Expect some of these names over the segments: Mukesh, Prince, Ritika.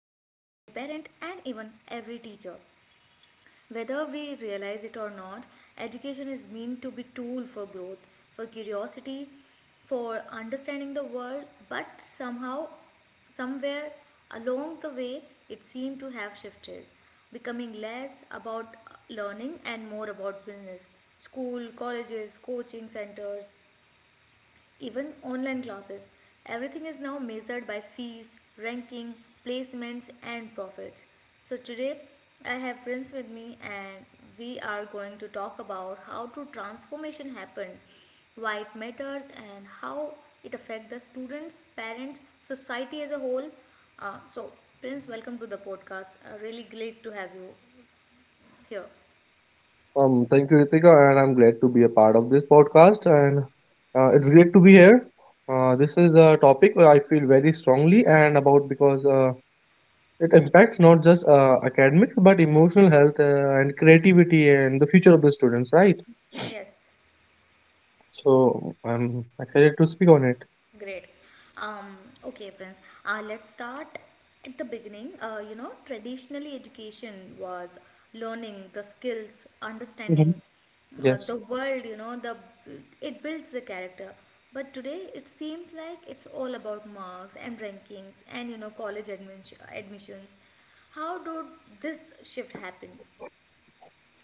parent, and even every teacher. Whether we realize it or not, education is meant to be a tool for growth, for curiosity, for understanding the world, but somehow, somewhere along the way it seemed to have shifted, becoming less about learning and more about business. School, colleges, coaching centers, even online classes. Everything is now measured by fees, ranking, placements, and profits. So, today I have Prince with me, and we are going to talk about how to transformation happened, why it matters, and how it affects the students, parents, society as a whole. Uh, so, Prince, welcome to the podcast. Really great to have you here. Thank you, Ritika, and I'm glad to be a part of this podcast. And it's great to be here. This is a topic where I feel very strongly and about because it impacts not just academics but emotional health and creativity and the future of the students, right? Yes. So I'm excited to speak on it. Great. Um, okay, friends. Let's start at the beginning. You know, traditionally, education was learning the skills, hmm understanding Yes. the world. You know, the it builds the character. But today, it seems like it's all about marks and rankings and, you know, college admission, admissions. How did this shift happen?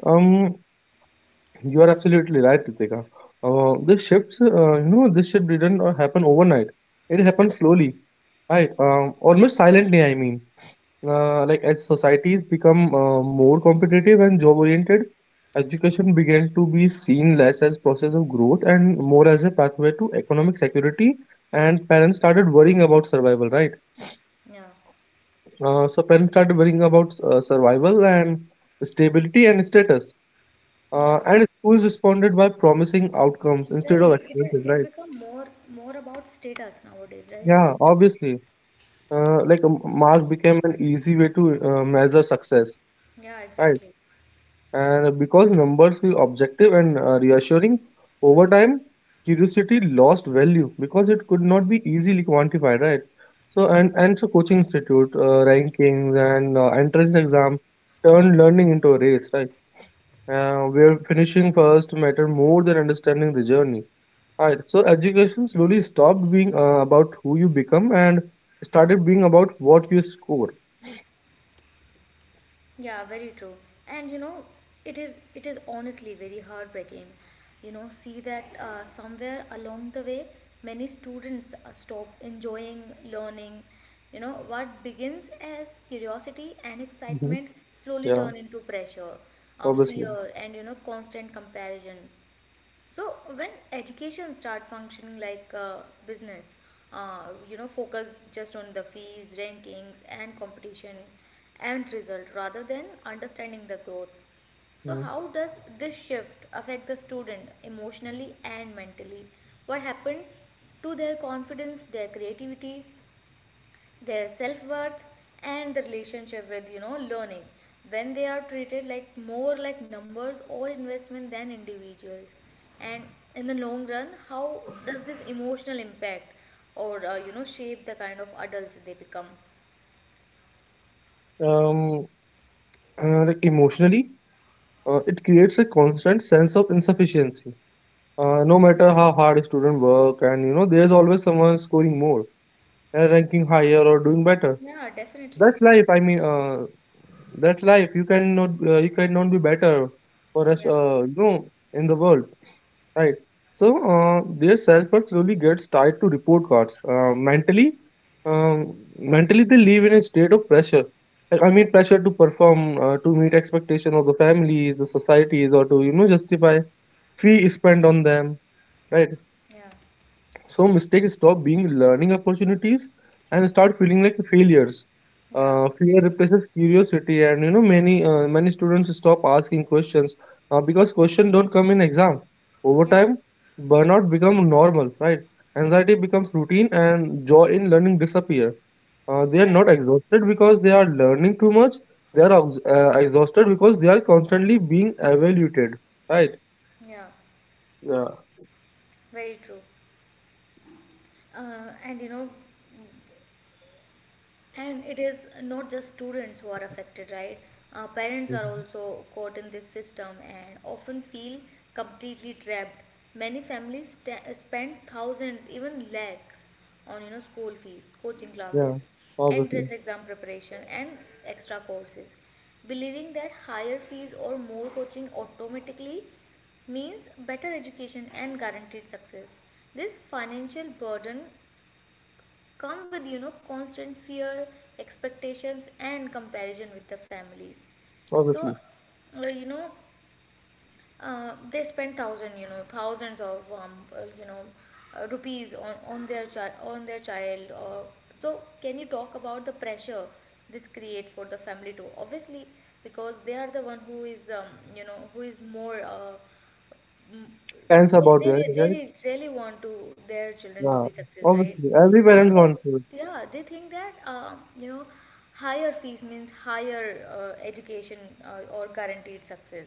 Um, you are absolutely right, Ritika. This shifts, you know, this shift didn't happen overnight. It happened slowly, right? Almost silently, I mean, like as societies become more competitive and job oriented, education began to be seen less as process of growth and more as a pathway to economic security. And parents started worrying about survival, right? Yeah, So parents started worrying about survival and stability and status. yeah, And schools responded by promising outcomes instead exactly. of experiences, It right? become more about status nowadays, right? Yeah, obviously. Like a mark became an easy way to measure success, Yeah, right? exactly. And because numbers feel objective and reassuring, over time, curiosity lost value because it could not be easily quantified, right? So coaching institute, rankings, and entrance exam turned learning into a race, right? Where finishing first matter more than understanding the journey. Right. So, education slowly stopped being about who you become and started being about what you score. Yeah, very true. And you know, it is honestly very heartbreaking. You know, see that somewhere along the way, many students stop enjoying learning. You know, what begins as curiosity and Hmm. excitement slowly Yeah, turn into pressure, obviously. fear, and you know, constant comparison. So when education start functioning like business, you know, focus just on the fees, rankings, and competition, and result rather than understanding the growth. So Mhm. how does this shift affect the student emotionally and mentally? What happened to their confidence, their creativity, their self-worth and the relationship with, you know, learning when they are treated like more like numbers or investment than individuals, and in the long run how does this emotional impact or, you know, shape the kind of adults they become? Um, like emotionally, it creates a constant sense of insufficiency. No matter how hard a student work, and you know, there's always someone scoring more, and ranking higher or doing better. Yeah, definitely. That's life. That's life. You cannot be better for us. Yeah. You know, in the world. Right. So their self-worth slowly gets tied to report cards. Mentally they live in a state of pressure. Pressure to perform, to meet expectation of the families, the societies, or to you know justify fee spent on them. Right. yeah So mistakes stop being learning opportunities and start feeling like failures. yeah Fear exactly. replaces curiosity, and you know many students stop asking questions because questions don't come in exam. Over yeah time, burnout become normal, right? Anxiety becomes routine, and joy in learning disappear. They are yeah not exhausted because they are learning too much. They are exhausted because they are constantly being evaluated, right? Yeah, Yeah. very true. And you know, and it is not just students who are affected, right? Parents are Mhm. also caught in this system and often feel completely trapped. Many families spend thousands, even lakhs, on, you know, school fees, coaching classes, Yeah. entrance Obviously. exam preparation, and extra courses, believing that higher fees or more coaching automatically means better education and guaranteed success. This financial burden come with, you know, constant fear, expectations and comparison with the families. So Obviously. You know, they spend thousand, you know, thousands of you know, rupees on their child, or, so can you talk about the pressure this create for the family too, obviously, because they are the one who is, you know, who is more, Mm, Parents about it, they right? Really want to their children to be Yeah, success, right? obviously, every But parents want to. they, yeah, they think that, you know, higher fees means higher education or guaranteed success,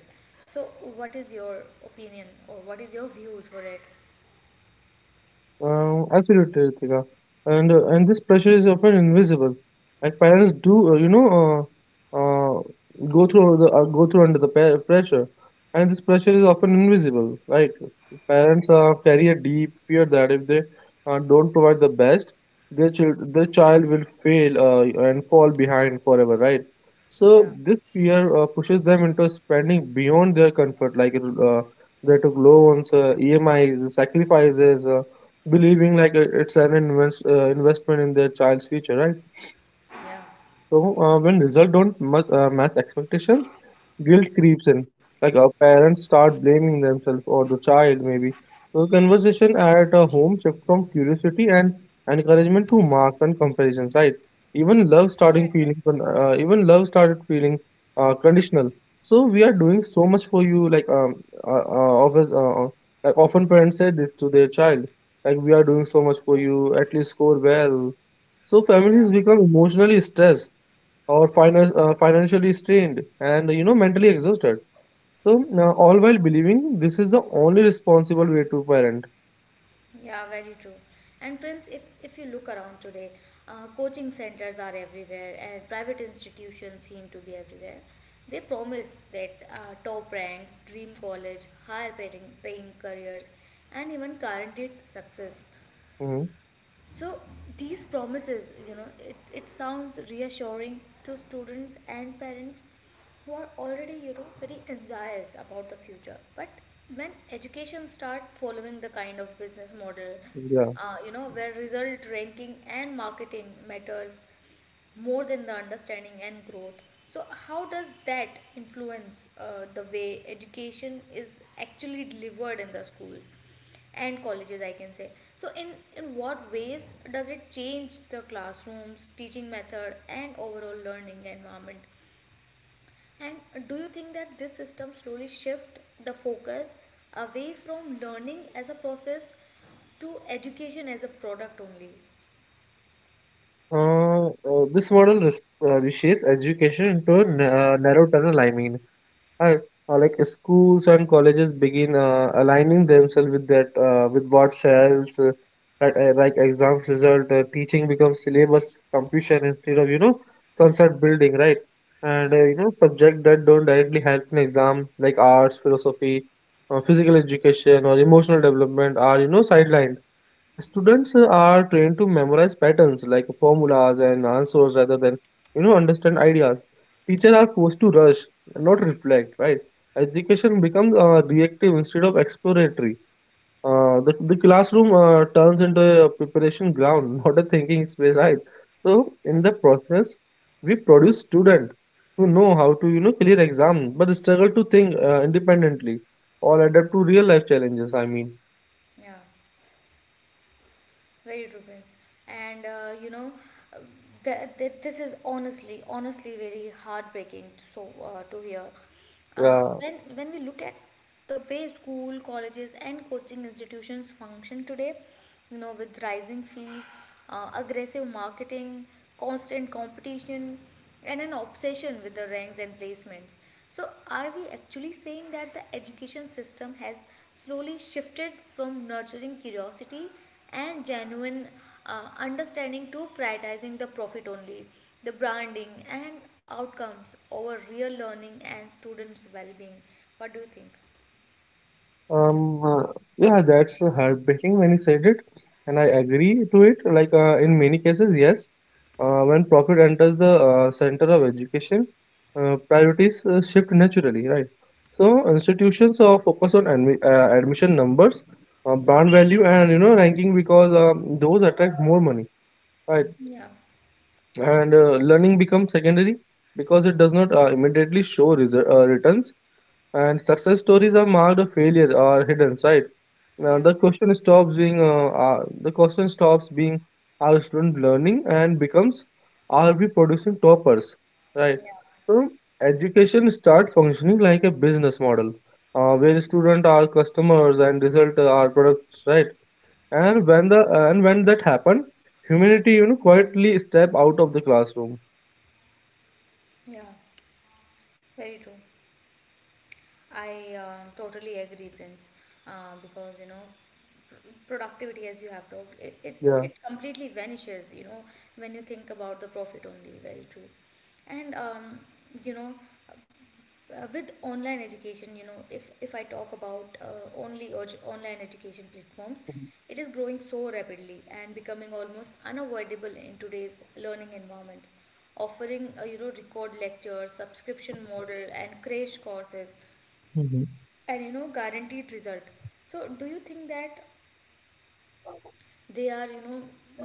so what is your opinion or what is your views for it? Absolutely, Ritika. And this pressure is often invisible. Like parents do, you know, uh, uh, go through the go through under the pressure, and this pressure is often invisible. Like parents carry a deep fear that if they don't provide the best, their child will fail and fall behind forever, right? So Yeah, this fear pushes them into spending beyond their comfort. They took loans, EMIs, sacrifices. Believing like it's an investment in their child's future, right? yeah, So when results don't match expectations, guilt creeps in. Like our parents start blaming themselves or the child maybe. So conversation at a home shift from curiosity and encouragement to marks and comparisons, right? Even love yeah, exactly. starting feeling, con- even love started feeling conditional. So we are doing so much for you, uh, uh, office, uh, uh, like often parents say this to their child, like we are doing so much for you, at least score well. So yeah families become emotionally stressed or financially strained and you know mentally exhausted, so all while believing this is the only responsible way to parent. Yeah, very true. And Prince, if you look around today, coaching centers are everywhere and private institutions seem to be everywhere. They promise that top ranks, dream college, paying careers, and even guaranteed success. Hmm. So these promises, you know, it sounds reassuring to students and parents who are already, you know, very anxious about the future. But when education start following the kind of business model, Yeah. You know, where result ranking and marketing matters more than the understanding and growth. So, how does that influence the way education is actually delivered in the schools and colleges? I can say. So, in what ways does it change the classrooms, teaching method, and overall learning environment? And do you think that this system slowly shift the focus away from learning as a process to education as a product only? This model reshapes education into a narrow tunnel, I mean. Right. Or like schools and colleges begin aligning themselves with that with what sells, like exams result. Teaching becomes syllabus completion instead of you know concept building, right? Yeah. And you know subject that don't directly help in exam like arts, philosophy, physical education, or emotional development are you know sidelined. Students are trained to memorize patterns like formulas and answers rather than you know understand ideas. Teachers are forced to rush, not reflect. Right? Education becomes reactive instead of exploratory. The classroom turns into a preparation ground, not a thinking space. Right? So in the process, we produce students who know how to you know clear exam but struggle to think independently or adapt to real life challenges. I mean, Yeah. Very true, Prince. And you know, uh, this is honestly, very heartbreaking. To hear, yeah. when we look at the way school, colleges, and coaching institutions function today, you know, with rising fees, aggressive marketing, constant competition, and an obsession with the ranks and placements. So, are we actually saying that the education system has slowly shifted from nurturing curiosity and genuine understanding to prioritizing the profit only, the branding and outcomes over real learning and students' well being? What do you think? Um, uh, yeah, that's heartbreaking when you said it, and I agree to it. In many cases, yes, when profit enters the center of education, priorities shift naturally, right? So institutions focus on admission numbers, brand value, and you know ranking because those attract more money, right? Yeah. And learning becomes secondary because it does not immediately show returns, and success stories are marked failure or hidden, right? Now, Yeah, the question stops being, are students learning, and becomes, are we producing toppers, right? yeah, So education start functioning like a business model where students are customers and result are products, right? yeah, And when that happen, humanity you know quietly step out of the classroom. yeah, very true. I totally agree, Prince, because you know, pr- productivity, as you have talked, Yeah. it completely vanishes, you know, when you think about the profit only. Very true. And, you know, with online education, you know, if I talk about only or online education platforms, it is growing so rapidly and becoming almost unavoidable in today's learning environment, offering you know, record lectures, subscription model and crash courses Mm-hmm. and, you know, guaranteed result. So do you think that they are, you know,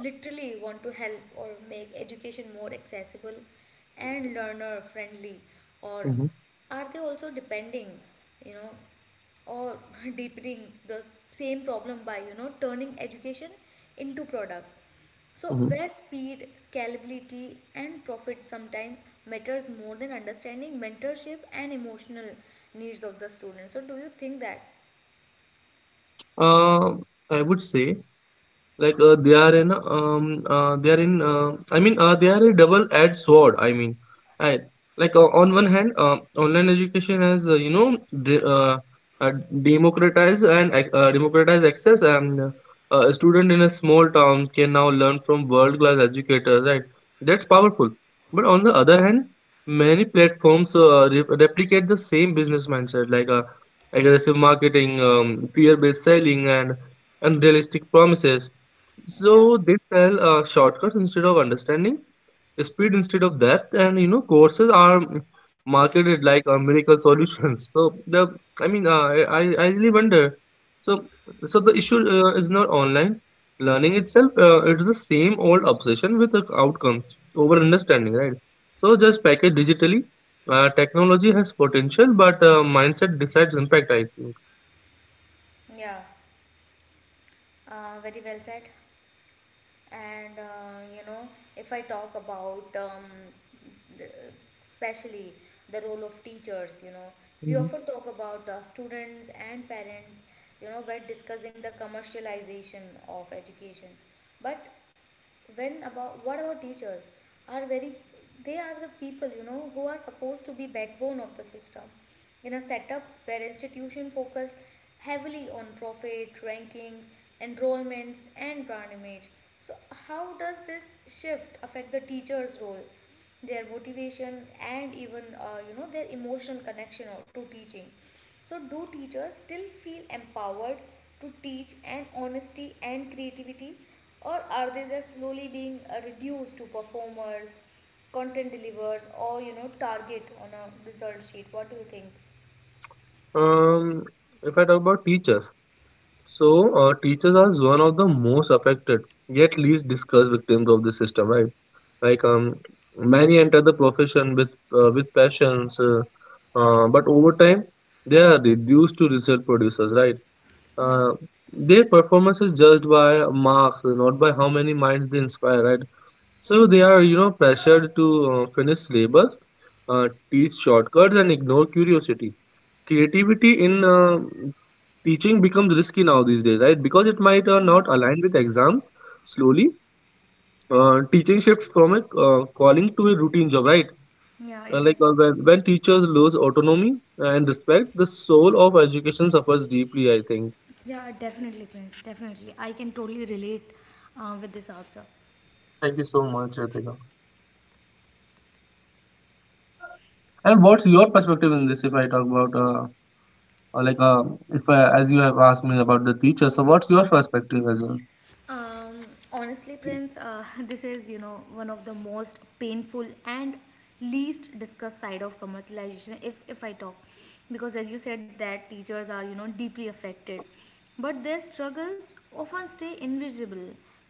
literally want to help or make education more accessible and learner friendly, or Mm-hmm. are they also depending, you know, or deepening the same problem by, you know, turning education into product, so Mm-hmm. where speed, scalability and profit sometimes matters more than understanding, mentorship and emotional needs of the students? So do you think that? Uh, I would say, Like they are in I mean they are a double-edged sword. I mean, I like on one hand, online education has you know de- uh, democratized and ac- democratized access, and a student in a small town can now learn from world-class educators. Right, that's powerful. But on the other hand, many platforms replicate the same business mindset, like aggressive marketing, fear-based selling, and unrealistic promises. Yeah. So they sell shortcuts instead of understanding, speed instead of depth, and you know courses are marketed like miracle solutions. So the, I mean, I really wonder. So so the issue is not online learning itself. It's the same old obsession with the outcomes over understanding, right? So just package digitally. Technology has potential, but mindset decides impact, I think. Yeah, very well said. And you know, if I talk about the, especially the role of teachers, you know, we Mhm. often talk about students and parents, you know, when discussing the commercialization of education. But when about what about teachers? Are very They are the people, you know, who are supposed to be backbone of the system in a setup where institutions focus heavily on profit, rankings, enrollments, and brand image. So, how does this shift affect the teacher's role, their motivation, and even, you know, their emotional connection to teaching? So, do teachers still feel empowered to teach and honesty and creativity, or are they just slowly being reduced to performers, content delivers, or, you know, target on a result sheet? What do you think? Um, if I talk about teachers. So, teachers are one of the most affected, yet least discussed victims of this system, right? Like, um, Many enter the profession with passions, but over time, they are reduced to result producers, right? Yeah, Uh, their performance is judged by marks, not by how many minds they inspire, right? So they are, you know, pressured to finish syllabus, teach shortcuts, and ignore curiosity. Creativity in teaching becomes risky now these days, right? Because it might yeah, not align with exams. Slowly, teaching shifts from a calling to a routine job, right? yeah. Uh, It like is. uh, when, when teachers lose autonomy and respect, the soul of education suffers deeply, I think. Yeah, definitely, Prince. Definitely, I can totally relate with this answer. Thank you so much, Ritika. And what's your perspective in this? If I talk about, like, If I, as you have asked me about the teacher, so what's your perspective as well? Um, Honestly, Prince, this is, you know, one of the most painful and least discussed side of commercialization. If I talk, because as you said that teachers are, you know, deeply affected, but their struggles often stay invisible.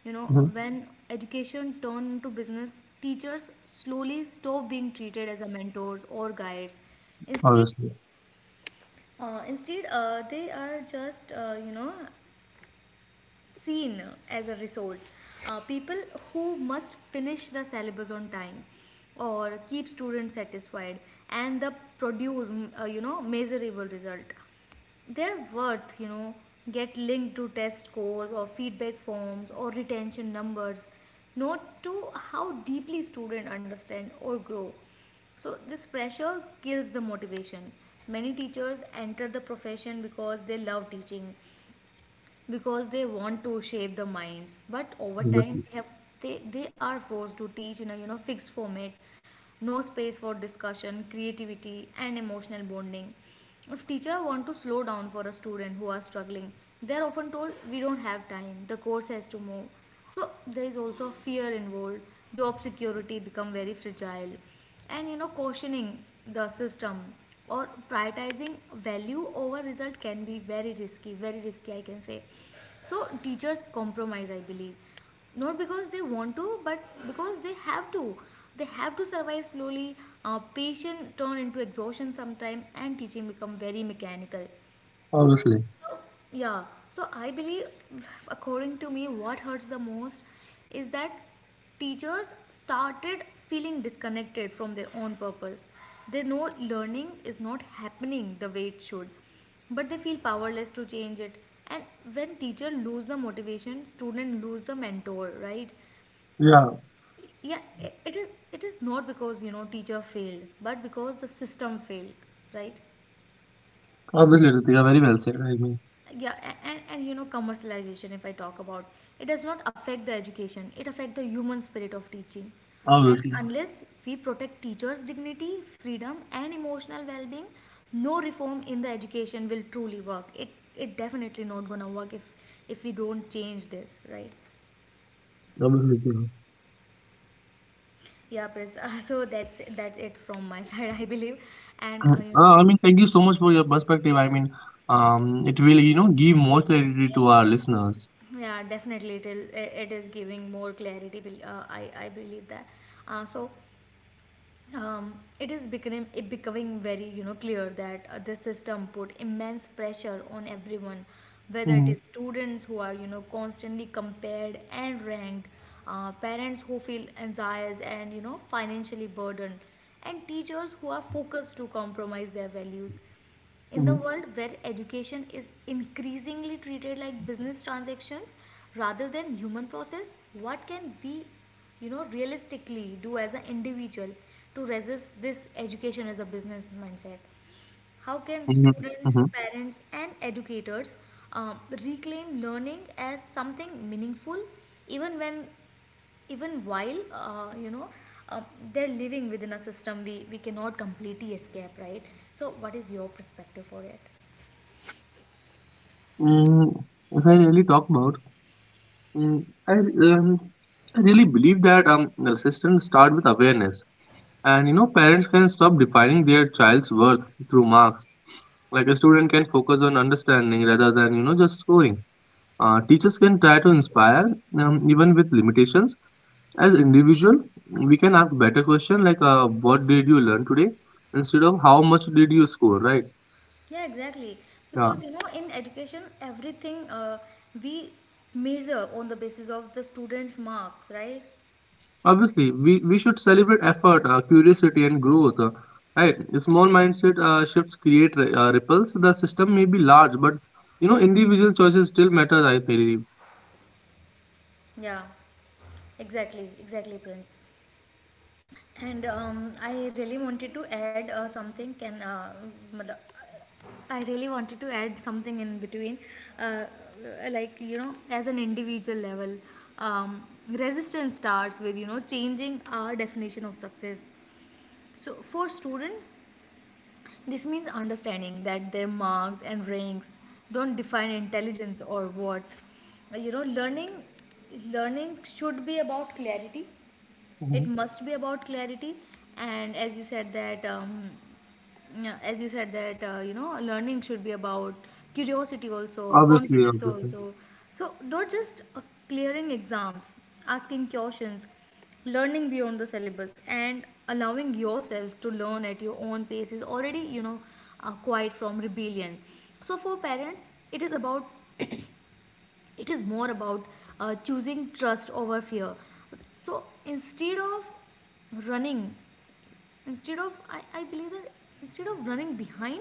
You know, Hmm. when education turn into business, teachers slowly stop being treated as a mentors or guides. Instead, Obviously, Instead, they are just, you know, seen as a resource. People who must finish the syllabus on time or keep students satisfied and the produce you know, measurable result, their worth, you know, get linked to test scores or feedback forms or retention numbers, not to how deeply student understand or grow. So this pressure kills the motivation. Many teachers enter the profession because they love teaching, because they want to shape the minds, but over time obviously, they, are forced to teach in a, you know, fixed format, no space for discussion, creativity, and emotional bonding. If teacher want to slow down for a student who are struggling, they are often told we don't have time, the course has to move. So there is also fear involved, job security become very fragile, and, you know, cautioning the system or prioritizing value over result can be very risky I can say. So teachers compromise, I believe, not because they want to, but because they have to. They have to survive. Slowly patient turn into exhaustion sometime and teaching become very mechanical. obviously, So, yeah, so I believe, according to me, what hurts the most is that teachers started feeling disconnected from their own purpose. They know learning is not happening the way it should, but they feel powerless to change it. And when teacher lose the motivation, student lose the mentor, right? yeah, Yeah, it is. It is not because you know teacher failed, but because the system failed, right? obviously, Ritika, very well said. I mean, Yeah, and commercialization, if I talk about it, does not affect the education. It affects the human spirit of teaching. And obviously. unless we protect teachers' dignity, freedom, and emotional well-being, no reform in the education will truly work. It definitely not gonna work if we don't change this, right? Absolutely. Yeah, Pris, so that's it from my side, I believe. And I mean, thank you so much for your perspective. I mean, it will, you know, give more clarity to our listeners. yeah, definitely it is giving more clarity. I believe that. uh, so um, it is becoming very, clear that, the system put immense pressure on everyone, whether it Mm-hmm. is students who are, constantly compared and ranked, parents who feel anxious and, financially burdened, and teachers who are focused to compromise their values in the Mm-hmm. world where education is increasingly treated like business transactions rather than human process. What can we, realistically do as an individual to resist this education as a business mindset? How can Mm-hmm. students, Mm-hmm. parents, and educators, um, reclaim learning as something meaningful even when even while, uh, they're living within a system we cannot completely escape, right? So what is your perspective for it? Mm, if I really talk about, mm, I, um, I really believe that the system start with awareness, and you know, parents can stop defining their child's worth through marks. Like a student can focus on understanding rather than you know just scoring. Teachers can try to inspire even with limitations. As individual, we can ask better question like what did you learn today instead of how much did you score, right? Yeah, exactly. Yeah. Because, in education, everything, we measure on the basis of the students' marks, right? Obviously, we should celebrate effort, curiosity, and growth. Right? Small mindset shifts create ripples. The system may be large, but you know individual choices still matter, I believe. Yeah, exactly, exactly, Prince. And I really wanted to add something. I really wanted to add something in between, uh, like, as an individual level, um, resistance starts with, changing our definition of success. So for student, this means understanding that their marks and ranks don't define intelligence or worth. You know, learning should be about clarity, it Mhm. must be about clarity. And as you said that, learning should be about curiosity also, Obviously, confidence obviously. also. So not just, clearing exams, asking questions, learning beyond the syllabus, and allowing yourself to learn at your own pace is already, quite from rebellion. So for parents, it is more about, choosing trust over fear. So running instead of I believe that instead of running behind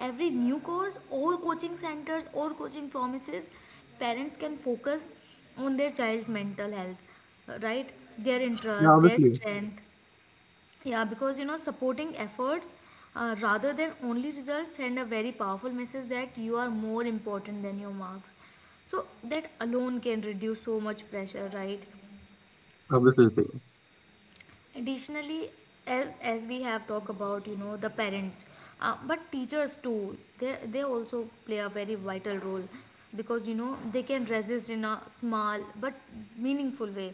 every new course or coaching centers or coaching promises, parents can focus on their child's mental health, right, their Yeah, interests, their obviously, strength. Yeah, because, supporting efforts, rather than only results, send a very powerful message that you are more important than your marks. So that alone can reduce so much pressure, right? obviously, Ritika. Additionally, as we have talked about, the parents, but teachers too, they also play a very vital role, because, they can resist in a small but meaningful way.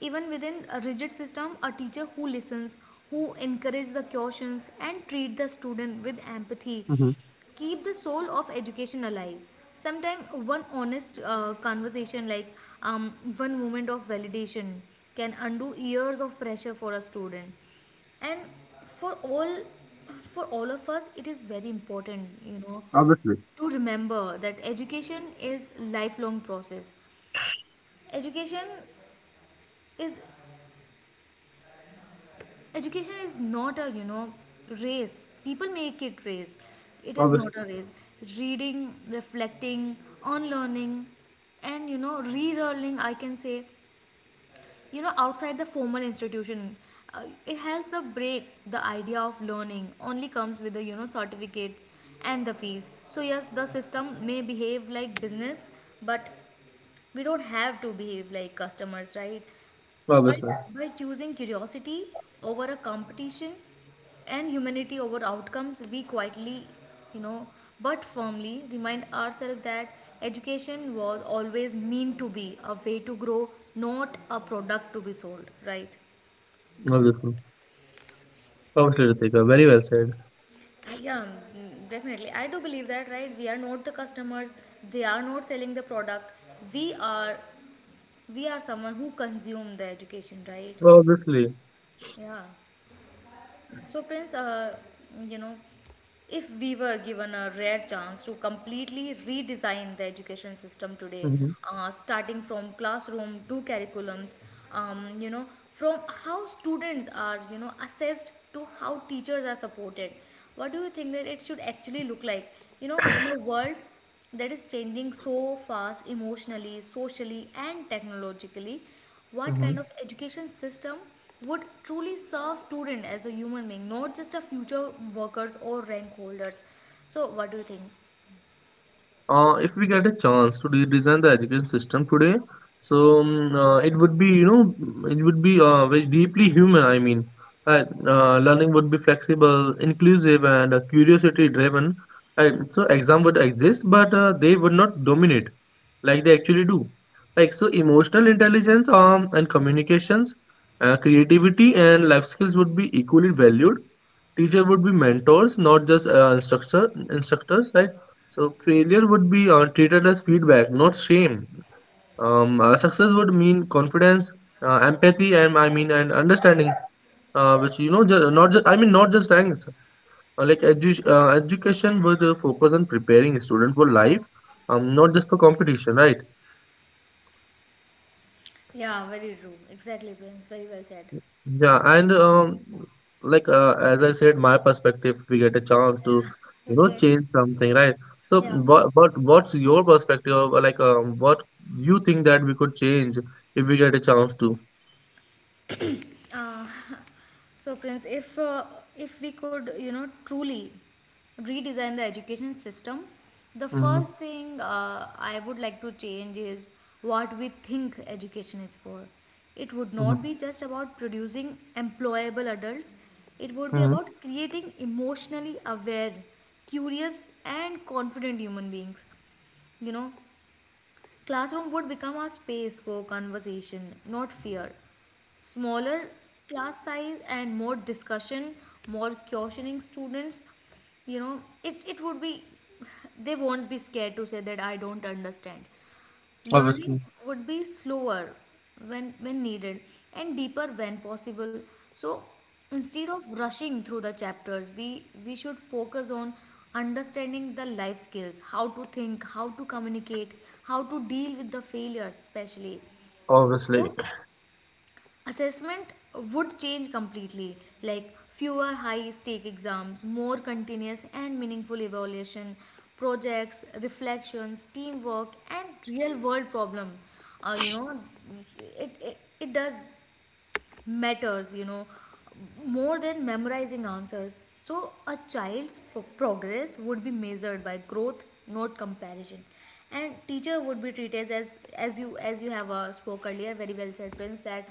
Even within a rigid system, a teacher who listens, who encourages the questions and treat the student with empathy, Mm-hmm. keep the soul of education alive. Sometimes one honest, conversation, like, one moment of validation can undo years of pressure for a student. And for all for all of us, it is very important, Obviously, to remember that education is lifelong process. education is Education is not a, race. People make it race. It is obviously, not a race. Reading, reflecting on learning, and, relearning, I can say, outside the formal institution, it helps the break the idea of learning only comes with the, certificate and the fees. So yes, the system may behave like business, but we don't have to behave like customers, right? by, obviously, by choosing curiosity over a competition and humanity over outcomes, we quietly, you know, but firmly, remind ourselves that education was always meant to be a way to grow, not a product to be sold, right? obviously, obviously, Ritika. Very well said. Yeah, definitely. I do believe that, right? We are not the customers, they are not selling the product. We are we are someone who consume the education, right? Obviously. Yeah. So, Prince, you know, if we were given a rare chance to completely redesign the education system today, Mm-hmm. Starting from classroom to curriculums, um, you know, from how students are, assessed to how teachers are supported, what do you think that it should actually look like? You know, in a world that is changing so fast emotionally, socially, and technologically. What Mm-hmm. kind of education system would truly serve student as a human being, not just a future workers or rank holders? So, what do you think? If we get a chance to redesign the education system today, so it would be very deeply human, I mean, right? Learning would be flexible, inclusive, and curiosity-driven. Right? So exam would exist, but they would not dominate like they actually do. Like so, emotional intelligence and communications, creativity, and life skills would be equally valued. Teacher would be mentors, not just instructors, right? So failure would be treated as feedback, not shame. Success would mean confidence, empathy, and and understanding, which you know, just not just I mean not just ranks. Education would focus on preparing a student for life, not just for competition, right? Yeah, very true. Exactly, Prince. Very well said. Yeah, and as I said, my perspective, we get a Yeah, chance to, yeah. you know, Okay. change something, right? So Yeah. what's your perspective of what you think that we could change if we get a chance to? Uh, so, Prince, if we could, truly redesign the education system, the Mm-hmm. first thing, I would like to change is what we think education is for. It would Mm-hmm. not be just about producing employable adults. It would be Mm-hmm. about creating emotionally aware, curious, and confident human beings. You know, classroom would become a space for conversation, not fear. Smaller class size and more discussion, more questioning students. You know, it would be they won't be scared to say that I don't understand. Obviously. Learning would be slower when needed and deeper when possible. So instead of rushing through the chapters, we should focus on understanding the life skills, how to think, how to communicate, how to deal with the failure especially. So Obviously, assessment would change completely, like fewer high stake exams, more continuous and meaningful evaluation, projects, reflections, teamwork, and real world problem, uh, you know it does matters, more than memorizing answers. So, a child's progress would be measured by growth, not comparison. And teacher would be treated as, as you have, spoke earlier, very well said, Prince, that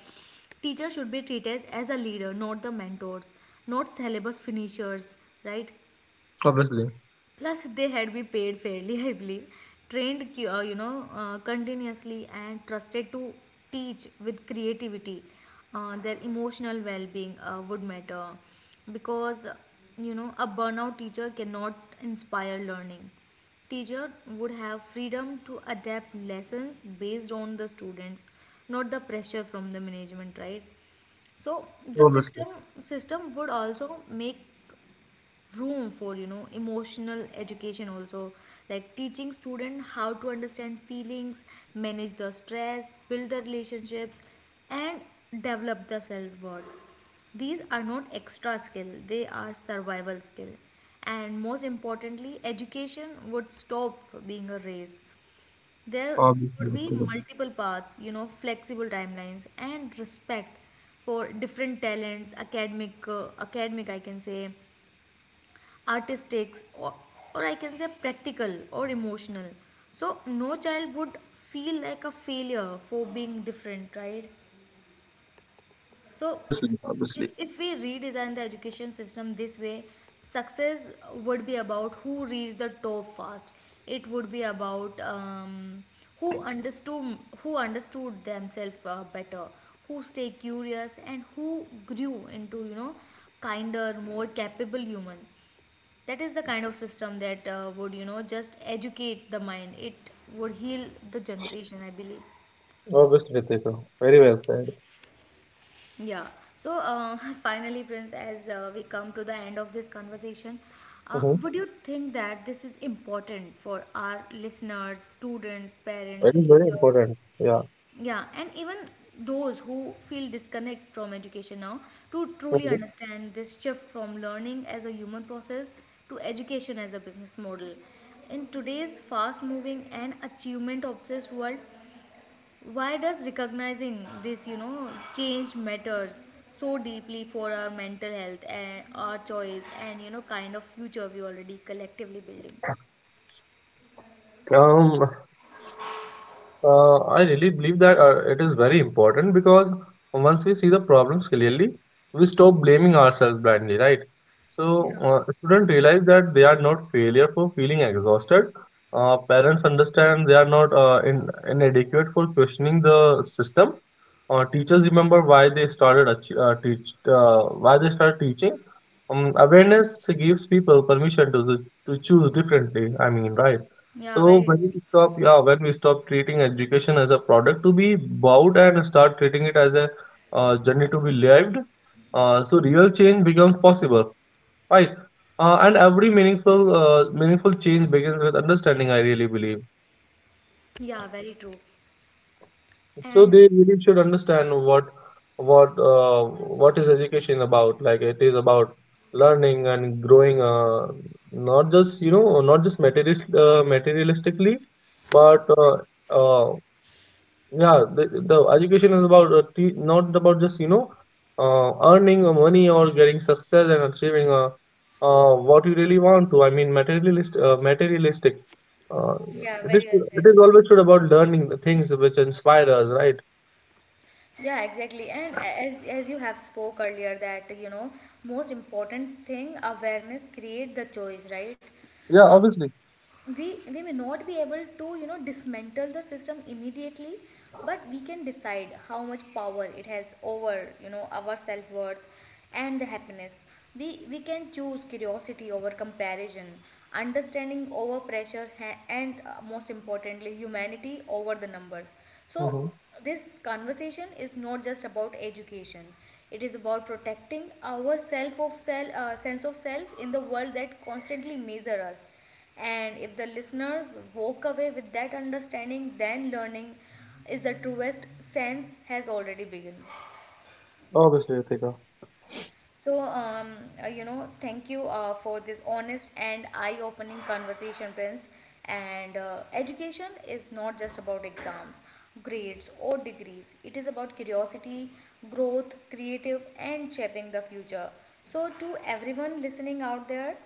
teacher should be treated as a leader, not the mentors, not syllabus finishers, right? obviously, Plus, they had been paid fairly, I believe, trained, continuously, and trusted to teach with creativity. Their emotional well-being, would matter because, a burnout teacher cannot inspire learning. Teacher would have freedom to adapt lessons based on the students, not the pressure from the management, right? So the obviously, system would also make room for, emotional education also, like teaching student how to understand feelings, manage the stress, build the relationships, and develop the self-worth. These are not extra skill, they are survival skill. And most importantly, education would stop being a race. There Obviously, would be Ritika. multiple paths, flexible timelines, and respect for different talents: academic, academic I can say, artistic, or I can say practical or emotional. So no child would feel like a failure for being different, right? So Obviously, if, obviously. if we redesign the education system this way, success would be about who reached the top fast. It would be about, who understood who understood themselves, better, who stay curious, and who grew into, kinder, more capable human. That is the kind of system that, would, just educate the mind. It would heal the generation, I believe. Obviously, Ritika. Very well said. Yeah. So, finally, Prince, as, we come to the end of this conversation, Mm-hmm. would you think that this is important for our listeners, students, It parents, is very teachers? important. Yeah. Yeah, and even those who feel disconnect from education now to truly Hmm. understand this shift from learning as a human process to education as a business model. In today's fast moving and achievement obsessed world, why does recognizing this, change matters so deeply for our mental health and our choice and, kind of future we already collectively building? Um. I really believe that it is very important because once we see the problems clearly, we stop blaming ourselves blindly, right? So, Yeah. Students realize that they are not failure for feeling exhausted. Parents understand they are not inadequate for questioning the system. Teachers remember why they started ach- teach why they started teaching. Awareness gives people permission to choose differently, I mean, right? Yeah, So very when true. we stop, yeah, when we stop treating education as a product to be bought and start treating it as a journey to be lived, so real change becomes possible, right? And every meaningful change begins with understanding, I really believe. Yeah, very true. So And they really should understand what uh, what is education about? Like it is about learning and growing, not just you know not just materialistically, but uh, yeah, the education is about not about just you know earning money or getting success and achieving what you really want to. I mean, materialistic. Uh, yeah, very well said. it is always should about learning the things which inspire us, right? Yeah, exactly. And as you have spoke earlier that, most important thing awareness create the choice, right? Yeah, Uh, obviously. we may not be able to, dismantle the system immediately, but we can decide how much power it has over, our self-worth and the happiness. We can choose curiosity over comparison, understanding over pressure, and, most importantly, humanity over the numbers. So Mm-hmm. this conversation is not just about education, it is about protecting our self of self sense of self in the world that constantly measure us. And if the listeners walk away with that understanding, then learning is the truest sense has already begun. Obviously, Ritika. So, thank you, for this honest and eye opening conversation, Prince. And, education is not just about exams, grades, or degrees, it is about curiosity, growth, creative, and shaping the future. So, to everyone listening out there,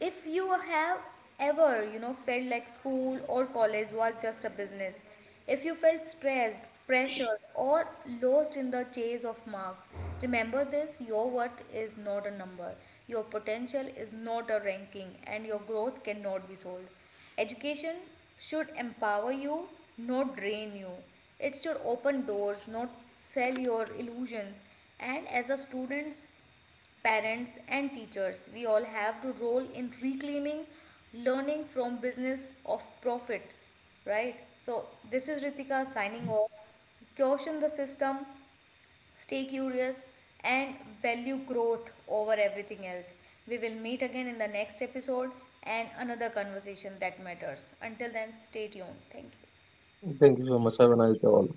if you have ever, felt like school or college was just a business, if you felt stressed, pressured, or lost in the chase of marks, remember this: your worth is not a number, your potential is not a ranking, and your growth cannot be sold. Education should empower you, not drain you. It should open doors, not sell your illusions. And as a students, parents, and teachers, we all have to role in reclaiming learning from business of profit, right? So this is Ritika, signing off. Caution the system, stay curious, and value growth over everything else. We will meet again in the next episode and another conversation that matters. Until then, stay tuned. Thank you. Thank you so much. Have a nice day all.